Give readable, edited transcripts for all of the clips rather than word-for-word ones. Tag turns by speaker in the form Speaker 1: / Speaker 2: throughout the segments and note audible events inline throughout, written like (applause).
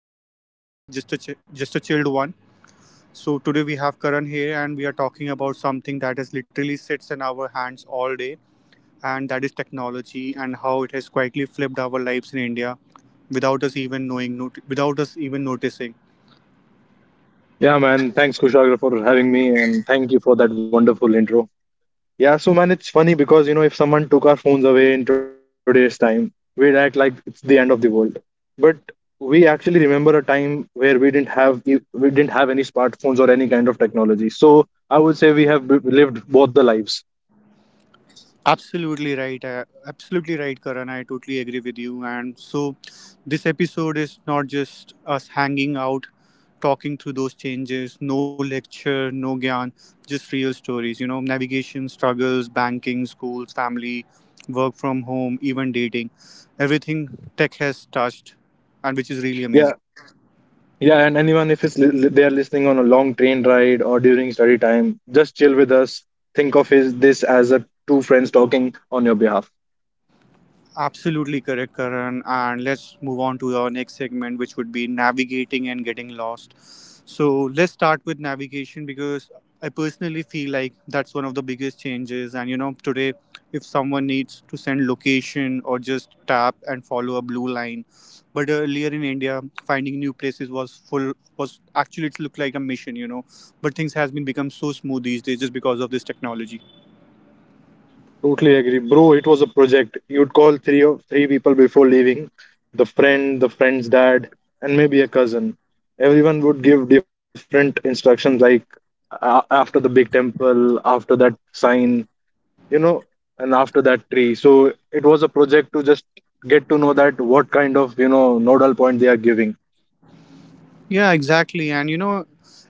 Speaker 1: big intro today, just a chilled one. So today we have Karan here, and we are talking about something that is literally sits in our hands all day and that is technology and how it has quietly flipped our lives in India without us even knowing, without us even noticing.
Speaker 2: Yeah, man. Thanks, Kushagra, for having me, and thank you for that wonderful intro. Yeah, so man, it's funny because you know if someone took our phones away in today's time, we'd act like it's the end of the world. But we actually remember a time where we didn't have we didn't have any smartphones or any kind of technology. So I would say we have lived both the lives.
Speaker 1: Absolutely right. Absolutely right, Karan. I totally agree with you. And so, this episode is not just us hanging out, talking through those changes, no lecture, no gyan, just real stories, navigation, struggles, banking, schools, family, work from home, even dating, everything tech has touched, and which is really amazing.
Speaker 2: Yeah, yeah. And anyone if it's they are listening on a long train ride or during study time, just chill with us. Think of is this as a two friends talking on your behalf.
Speaker 1: Absolutely correct, Karan. And let's move on to our next segment, which would be navigating and getting lost. So let's start with navigation because I personally feel like that's one of the biggest changes. And today, if someone needs to send location or just tap and follow a blue line, but earlier in India, finding new places was actually it looked like a mission. But things has been become so smooth these days just because of this technology.
Speaker 2: Totally agree, bro. It was a project. You'd call three or three people before leaving, the friend, the friend's dad, and maybe a cousin. Everyone would give different instructions, like after the big temple, after that sign, you know, and after that tree. So it was a project to just get to know that what kind of you know nodal point they are giving.
Speaker 1: Yeah, exactly. And you know,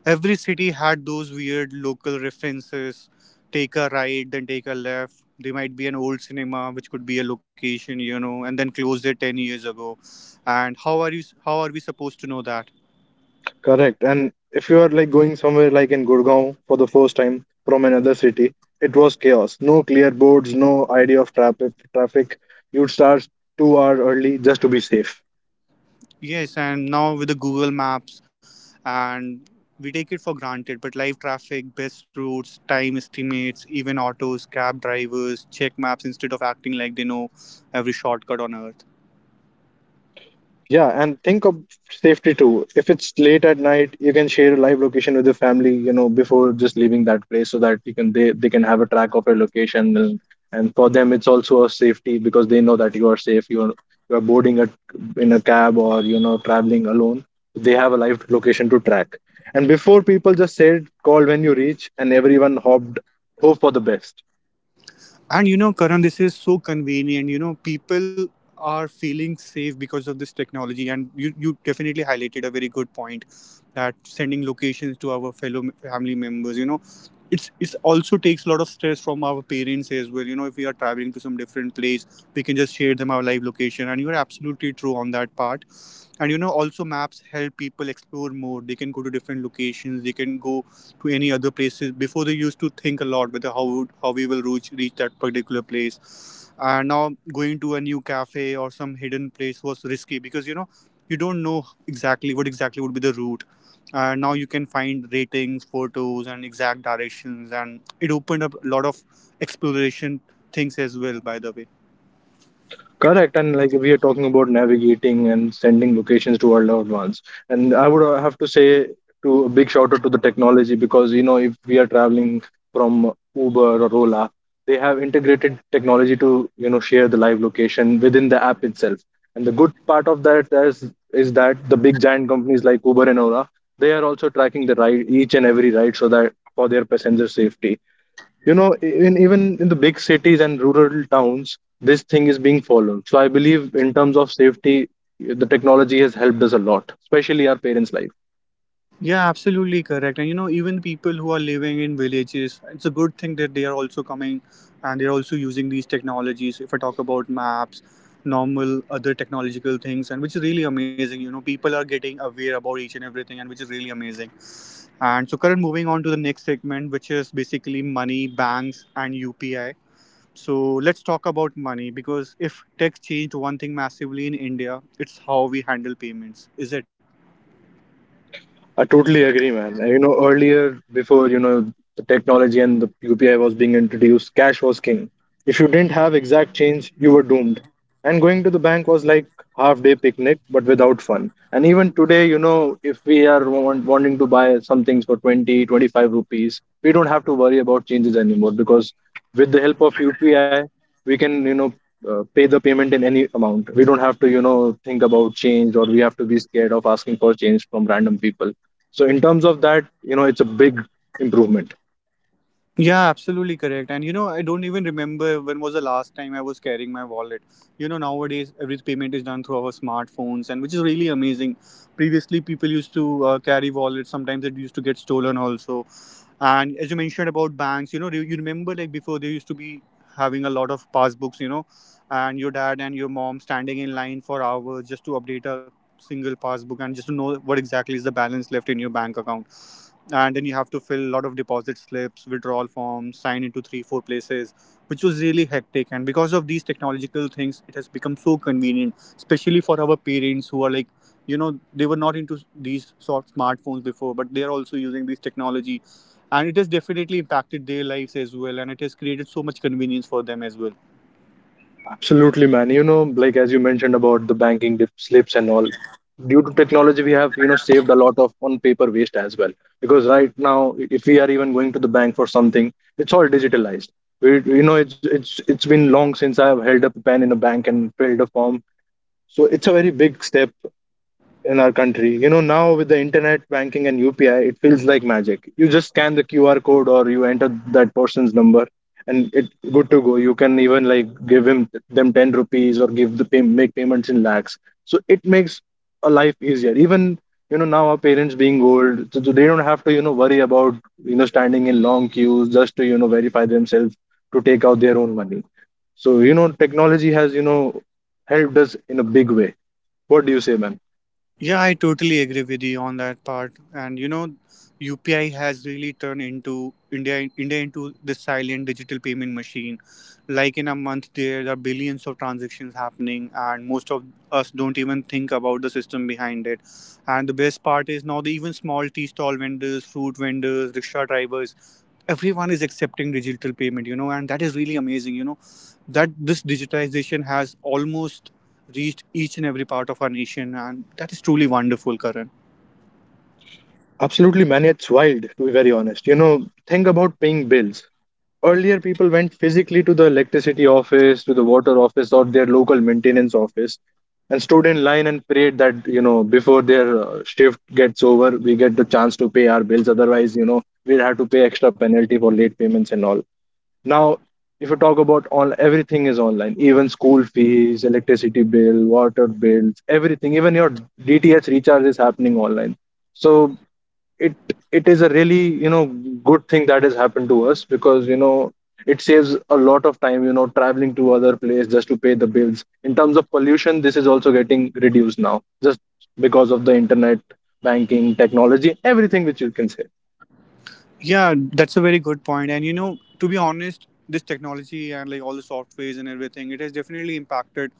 Speaker 1: every city had those weird local references. Take a right, then take a left. There might be an old cinema, which could be a location, and then closed it 10 years ago. And how are you? How are we supposed to know that?
Speaker 2: Correct. And if you are like going somewhere like in Gurgaon for the first time from another city, it was chaos. No clear boards, no idea of traffic. Traffic. You'd start 2 hours early just to be safe.
Speaker 1: Yes, and now with the Google Maps, and we take it for granted. But live traffic, best routes, time estimates, even autos, cab drivers check maps instead of acting like they know every shortcut on earth.
Speaker 2: Yeah, and think of safety too. If it's late at night, you can share a live location with your family, you know, before just leaving that place so that you can they can have a track of your location, and for them it's also a safety because they know that you are safe. You're boarding a, in a cab or you know traveling alone. They have a live location to track. And before people just said call when you reach and everyone hopped hope for the best.
Speaker 1: And you know, Karan, this is so convenient. People are feeling safe because of this technology. And you definitely highlighted a very good point that sending locations to our fellow family members, it also takes a lot of stress from our parents as well. If we are traveling to some different place, we can just share them our live location. And you're absolutely true on that part. And also maps help people explore more. They can go to different locations. They can go to any other places. Before they used to think a lot whether how we will reach that particular place. And now going to a new cafe or some hidden place was risky because you don't know exactly what exactly would be the route. And now you can find ratings, photos, and exact directions, and it opened up a lot of exploration things as well. By the way.
Speaker 2: Correct, and like we are talking about navigating and sending locations to our loved ones, and I would have to say to a big shout out to the technology because you know if we are traveling from Uber or Ola, they have integrated technology to you know share the live location within the app itself. And the good part of that is that the big giant companies like Uber and Ola, they are also tracking the ride each and every ride so that for their passenger safety you know in even in the big cities and rural towns this thing is being followed. So I believe in terms of safety the technology has helped us a lot, especially our parents life.
Speaker 1: Yeah, absolutely correct. And even people who are living in villages, it's a good thing that they are also coming and they're also using these technologies. If I talk about maps, normal other technological things, and which is really amazing. People are getting aware about each and everything, and which is really amazing. And so, current moving on to the next segment, which is basically money, banks, and UPI. So, let's talk about money because if tech changed one thing massively in India, it's how we handle payments, is it?
Speaker 2: I totally agree, man. You know, earlier before you know the technology and the UPI was being introduced, cash was king. If you didn't have exact change, you were doomed. And going to the bank was like half day picnic, but without fun. And even today, you know, if we are wanting to buy some things for 20, 25 rupees, we don't have to worry about changes anymore because with the help of UPI, we can, you know, pay the payment in any amount. We don't have to, you know, think about change or we have to be scared of asking for change from random people. So in terms of that, you know, it's a big improvement.
Speaker 1: Yeah, absolutely correct. And I don't even remember when was the last time I was carrying my wallet. Nowadays every payment is done through our smartphones, and which is really amazing. Previously, people used to carry wallets. Sometimes it used to get stolen also. And as you mentioned about banks, do you remember like before they used to be having a lot of passbooks, and your dad and your mom standing in line for hours just to update a single passbook and just to know what exactly is the balance left in your bank account. And then you have to fill a lot of deposit slips, withdrawal forms, sign into three four places, which was really hectic. And because of these technological things, it has become so convenient, especially for our parents, who are like they were not into these sort of smartphones before, but they are also using this technology, and it has definitely impacted their lives as well, and it has created so much convenience for them as well.
Speaker 2: Absolutely, man. You know, like as you mentioned about the banking dip, slips and all, due to technology, we have, you know, saved a lot of on paper waste as well. Because right now, if we are even going to the bank for something, it's all digitalized. We, you know, it's been long since I have held up a pen in a bank and filled a form. So it's a very big step in our country. You know, now with the internet banking and UPI, it feels like magic. You just scan the QR code or you enter that person's number and it good to go. You can even like give him them 10 rupees or give the pay, make payments in lakhs. So it makes a life easier. Even you know now our parents being old, so they don't have to you know worry about you know standing in long queues just to you know verify themselves to take out their own money. So you know technology has you know helped us in a big way. What do you say, man?
Speaker 1: Yeah, I totally agree with you on that part. And UPI has really turned into India into the silent digital payment machine. Like in a month, there are billions of transactions happening, and most of us don't even think about the system behind it. And the best part is now the even small tea stall vendors, fruit vendors, rickshaw drivers, everyone is accepting digital payment. And that is really amazing. That this digitization has almost reached each and every part of our nation, and that is truly wonderful, Karan.
Speaker 2: Absolutely, man. It's wild, to be very honest. You know, think about paying bills. Earlier, people went physically to the electricity office, to the water office, or their local maintenance office and stood in line and prayed that, you know, before their shift gets over, we get the chance to pay our bills. Otherwise, you know, we'll have to pay extra penalty for late payments and all. Now, if you talk about all, everything is online, even school fees, electricity bill, water bills, everything, even your DTH recharge is happening online. So it it is a really you know good thing that has happened to us because you know it saves a lot of time you know traveling to other place just to pay the bills. In terms of pollution this is also getting reduced now just because of the internet banking technology, everything which you can say.
Speaker 1: Yeah, that's a very good point. And to be honest, this technology and like all the softwares and everything, it has definitely impacted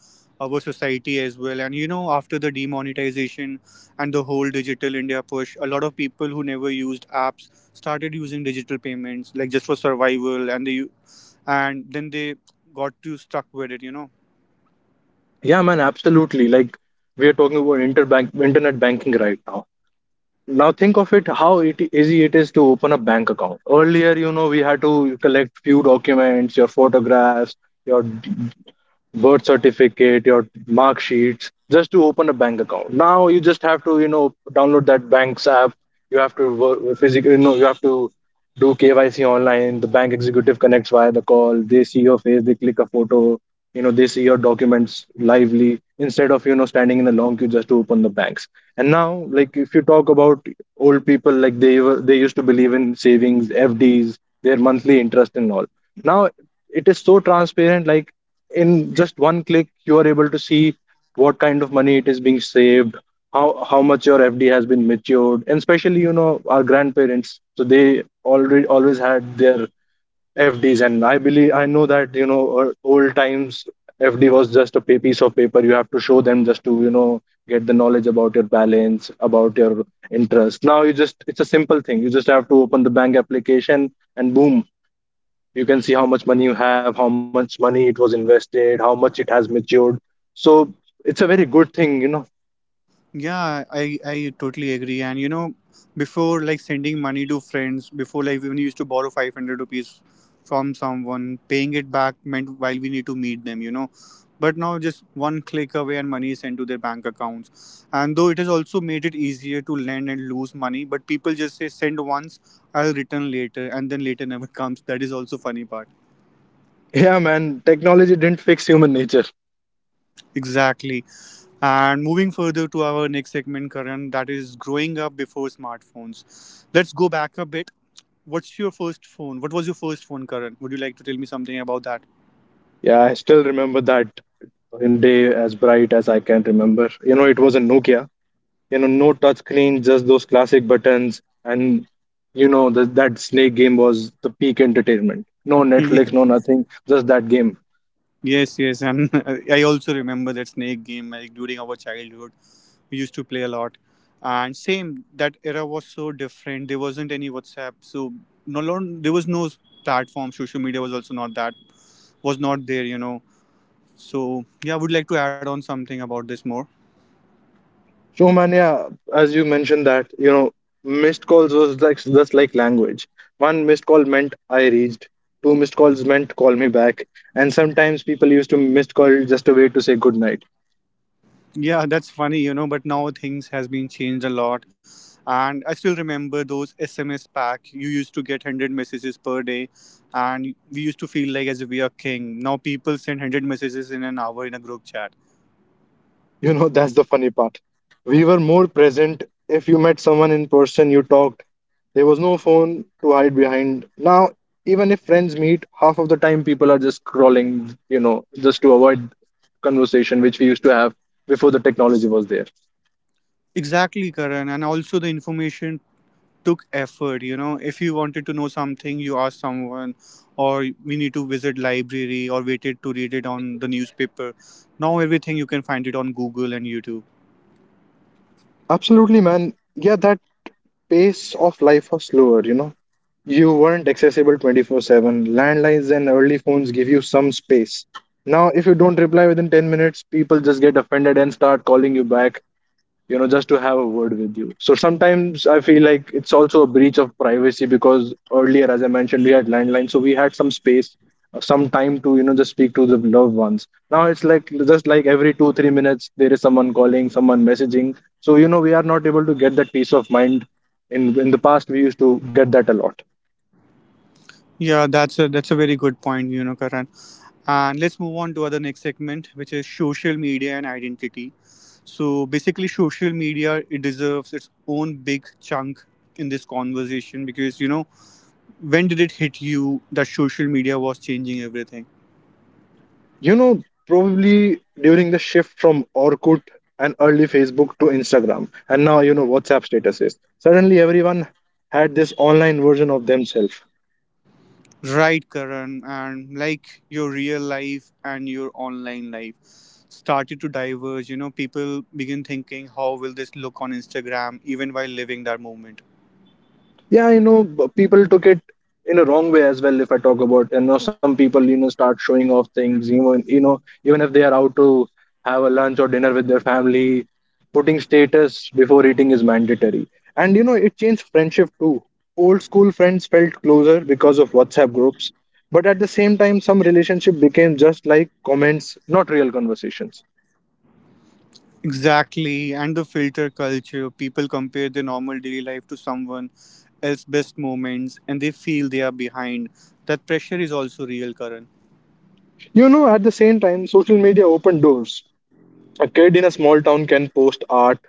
Speaker 1: our society as well. And after the demonetization and the whole Digital India push, a lot of people who never used apps started using digital payments like just for survival, and then they got too stuck with it.
Speaker 2: Yeah, man, absolutely. Like we are talking about interbank internet banking right now think of it how it easy it is to open a bank account. Earlier, you know, we had to collect few documents, your photographs, your birth certificate, your mark sheets, just to open a bank account. Now you just have to, you know, download that bank's app. You have to work physically, you know, you have to do KYC online. The bank executive connects via the call. They see your face, they click a photo, you know, they see your documents lively instead of, you know, standing in a long queue just to open the banks. And now, like, if you talk about old people, like they used to believe in savings, FDs, their monthly interest and all. Now it is so transparent, like in just one click you are able to see what kind of money it is being saved, how much your FD has been matured, and especially you know our grandparents, so they already always had their FDs, and I believe I know that you know old times FD was just a piece of paper you have to show them just to you know get the knowledge about your balance, about your interest. Now you just it's a simple thing, you just have to open the bank application and boom, you can see how much money you have, how much money it was invested, how much it has matured. So it's a very good thing, you know.
Speaker 1: Yeah, I totally agree. And before like sending money to friends, before like when we used to borrow 500 rupees from someone, paying it back meant while we need to meet them. But now just one click away and money is sent to their bank accounts. And though it has also made it easier to lend and lose money, but people just say send once, I'll return later, and then later never (laughs) comes. That is also funny part.
Speaker 2: (laughs) Yeah, man, technology didn't fix human nature.
Speaker 1: Exactly. And moving further to our next segment, Karan, that is growing up before smartphones. Let's go back a bit. What was your first phone, Karan? Would you like to tell me something about that?
Speaker 2: Yeah, I still remember that day as bright as I can remember. You know, it was a Nokia, you know, no touch screen, just those classic buttons, and you know that snake game was the peak entertainment. No
Speaker 1: Ye-
Speaker 2: Netflix, no nothing, just that game.
Speaker 1: yes, yes. And (laughs) I also remember that snake game like during our childhood. We used to play a lot. And same, that era was so different. There wasn't any WhatsApp. So there was no platform. Social media was also not that, was not there. So yeah, I would like to add on something about this more.
Speaker 2: So, man, yeah, as you mentioned that, you know, missed calls was like just like language. One missed call meant I reached. Two missed calls meant call me back. And sometimes people used to missed call just a way to say good night. (laughs)
Speaker 1: Yeah, that's funny, but now things has been changed a lot. And I still remember those SMS pack. You used to get 100 messages per day and we used to feel like as if we are king. Now people send 100 messages in an hour in a group chat.
Speaker 2: You know, that's the funny part. We were more present. If you met someone in person, you talked. There was no phone to hide behind. Now, even if friends meet, half of the time people are just scrolling, you know, just to avoid conversation which we used to have before the technology was there.
Speaker 1: Exactly, Karan. And also the information took effort. If you wanted to know something, you asked someone or we need to visit library or waited to read it on the newspaper. Now everything you can find it on Google and YouTube.
Speaker 2: Absolutely, man. Yeah, that pace of life was slower, you know. You weren't accessible 24/7. Landlines and early phones give you some space. Now, if you don't reply within 10 minutes, people just get offended and start calling you back, you know, just to have a word with you. So sometimes I feel like it's also a breach of privacy because earlier, as I mentioned, we had landline, so we had some space, some time to you know just speak to the loved ones. Now it's like just like every 2 3 minutes there is someone calling, someone messaging, so you know we are not able to get that peace of mind. In the past we used to get that a lot.
Speaker 1: Yeah, that's a very good point, Karan. And let's move on to other next segment, which is social media and identity. So basically, social media it deserves its own big chunk in this conversation because when did it hit you that social media was changing everything?
Speaker 2: You know, probably during the shift from Orkut and early Facebook to Instagram, and now you know WhatsApp statuses. Suddenly, everyone had this online version of themselves.
Speaker 1: Right, Karan, and like your real life and your online life started to diverge. People begin thinking, how will this look on Instagram, even while living that moment.
Speaker 2: Yeah, people took it in a wrong way as well. If I talk about, some people start showing off things. Even if they are out to have a lunch or dinner with their family, putting status before eating is mandatory. And you know, it changed friendship too. Old school friends felt closer because of WhatsApp groups, but at the same time some relationship became just like comments, not real conversations.
Speaker 1: Exactly, and the filter culture. People compare their normal daily life to someone else's best moments and they feel they are behind. That pressure is also real, Karan.
Speaker 2: You know, at the same time social media opened doors. A kid in a small town can post art,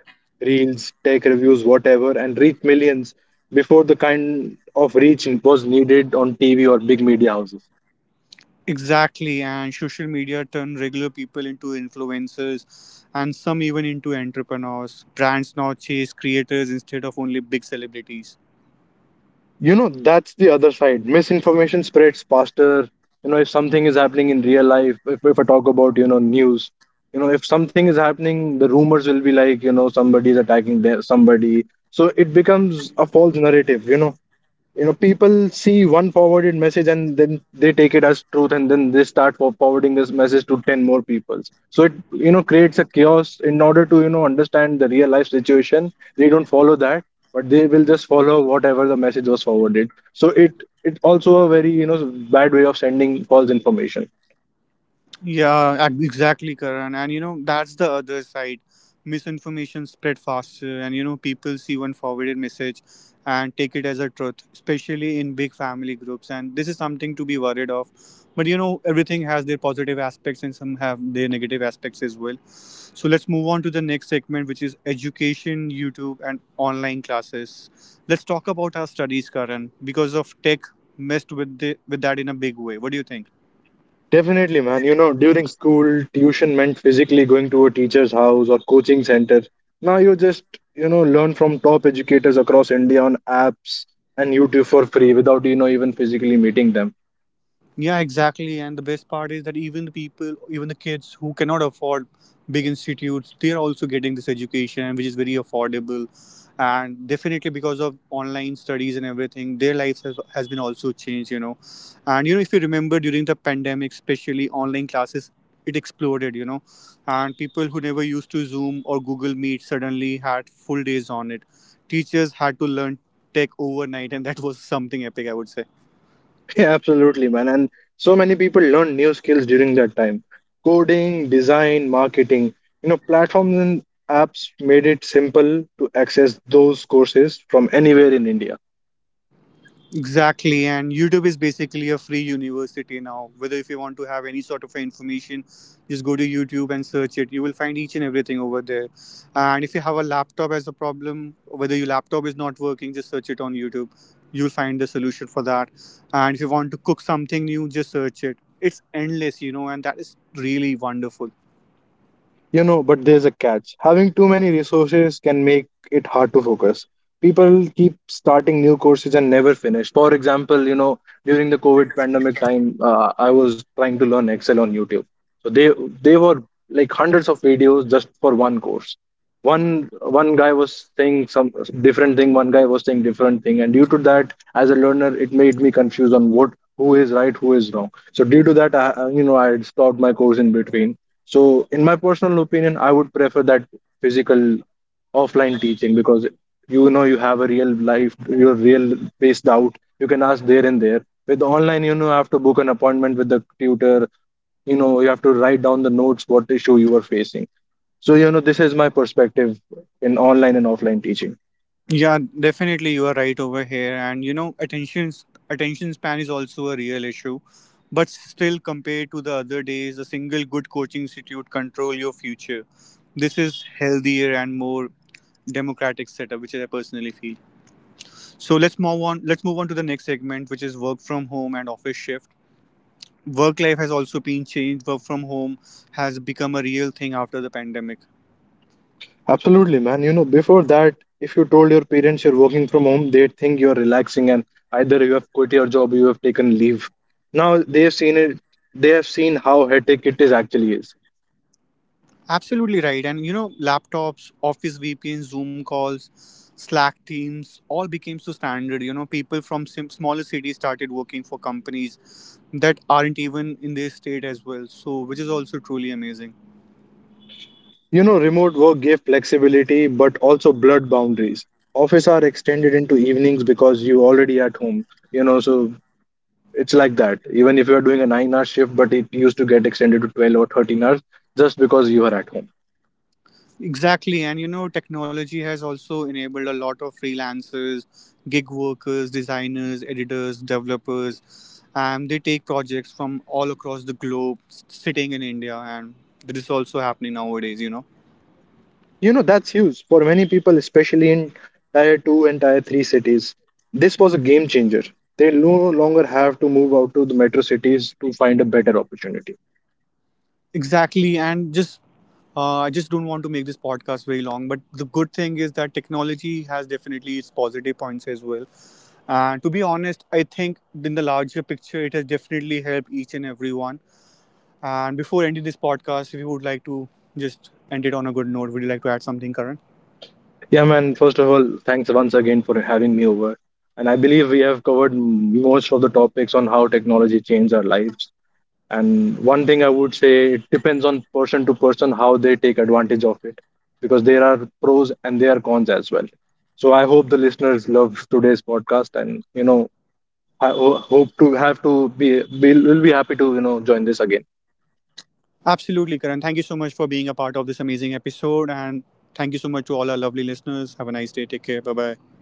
Speaker 2: reels, tech reviews, whatever, and reach millions before the kind of reach was needed on TV or big media houses.
Speaker 1: Exactly, and social media turn regular people into influencers and some even into entrepreneurs. Brands now chase creators instead of only big celebrities.
Speaker 2: You know, that's the other side. Misinformation spreads faster. You know, if something is happening in real life, if I talk about, you know, news, you know, if something is happening, the rumors will be like, you know, somebody is attacking there, somebody. So it becomes a false narrative, you know. You know, people see one forwarded message and then they take it as truth, and then they start forwarding this message to 10 more people. So it, you know, creates a chaos. In order to, you know, understand the real life situation, they don't follow that, but they will just follow whatever the message was forwarded. So it also a very, you know, bad way of sending false information.
Speaker 1: Yeah, exactly, Karan. And that's the other side. Misinformation spread faster, and people see one forwarded message and take it as a truth, especially in big family groups. And this is something to be worried of. But everything has their positive aspects and some have their negative aspects as well. So let's move on to the next segment, which is education, YouTube, and online classes. Let's talk about our studies, Karan, because of tech messed with that in a big way. What do you think?
Speaker 2: Definitely, man. You know, during school, tuition meant physically going to a teacher's house or coaching center. Now you just, you know, learn from top educators across India on apps and YouTube for free without, you know, even physically meeting them. (laughs)
Speaker 1: Yeah, exactly. And the best part is that even the people, even the kids who cannot afford big institutes, they are also getting this education, which is very affordable. And definitely because of online studies and everything, their lives has been also changed. And if you remember during the pandemic, especially online classes, it exploded. And people who never used to Zoom or Google Meet suddenly had full days on it. Teachers had to learn tech overnight, and that was something epic, I would say.
Speaker 2: Yeah, absolutely, man. And so many people learn new skills during that time. Coding, design, marketing. You know, platforms and apps made it simple to access those courses from anywhere in India.
Speaker 1: Exactly, and YouTube is basically a free university now. Whether if you want to have any sort of information, just go to YouTube and search it. You will find each and everything over there. And if you have a laptop as a problem, whether your laptop is not working, just search it on YouTube. You'll find the solution for that. And if you want to cook something new, just search it. It's endless, and that is really wonderful.
Speaker 2: You know, but there's a catch. Having too many resources can make it hard to focus. People keep starting new courses and never finish. For example, you know, during the COVID pandemic time, I was trying to learn Excel on YouTube. So they were like hundreds of videos just for one course. One guy was saying some different thing, one guy was saying different thing, and due to that, as a learner, it made me confused on what, who is right, who is wrong. So due to that, I had stopped my course in between. So in my personal opinion, I would prefer that physical offline teaching, because you know, you have a real life, your real based out, you can ask there and there. With online, you know, you have to book an appointment with the tutor, you know, you have to write down the notes what issue you are facing. So, you know, this is my perspective in online and offline teaching.
Speaker 1: Yeah, definitely you are right over here. And attention span is also a real issue. But still, compared to the other days, a single good coaching institute control your future. This is healthier and more democratic setup, which I personally feel. So let's move on. Let's move on to the next segment, which is work from home and office shift. Work life has also been changed. Work from home has become a real thing after the pandemic.
Speaker 2: Absolutely, man. You know, before that, if you told your parents you're working from home, they'd think you're relaxing and either you have quit your job or you have taken leave. Now they've seen it, they have seen how hectic it is actually is.
Speaker 1: Absolutely right. And laptops, office VPNs, Zoom calls, Slack teams all became so standard. People from smaller cities started working for companies that aren't even in their state as well. So, which is also truly amazing.
Speaker 2: You know, remote work gave flexibility but also blurred boundaries. Office are extended into evenings because you already at home, you know, so it's like that. Even if you're doing a 9 hour shift, but it used to get extended to 12 or 13 hours just because you are at home.
Speaker 1: Exactly. And technology has also enabled a lot of freelancers, gig workers, designers, editors, developers. And they take projects from all across the globe, sitting in India. And this is also happening nowadays.
Speaker 2: You know, that's huge for many people, especially in tier 2 and tier 3 cities. This was a game changer. They no longer have to move out to the metro cities to find a better opportunity.
Speaker 1: Exactly, and just I just don't want to make this podcast very long. But the good thing is that technology has definitely its positive points as well. And to be honest, I think in the larger picture, it has definitely helped each and everyone. And before ending this podcast, if you would like to just end it on a good note, would you like to add something, Karan?
Speaker 2: Yeah, man, first of all, thanks once again for having me over. And I believe we have covered most of the topics on how technology changed our lives. And one thing I would say, it depends on person to person how they take advantage of it, because there are pros and there are cons as well. So I hope the listeners love today's podcast, and you know, I ho- hope to have to be will be happy to, you know, join this again.
Speaker 1: Absolutely, Karan. Thank you so much for being a part of this amazing episode, and thank you so much to all our lovely listeners. Have a nice day. Take care. Bye bye.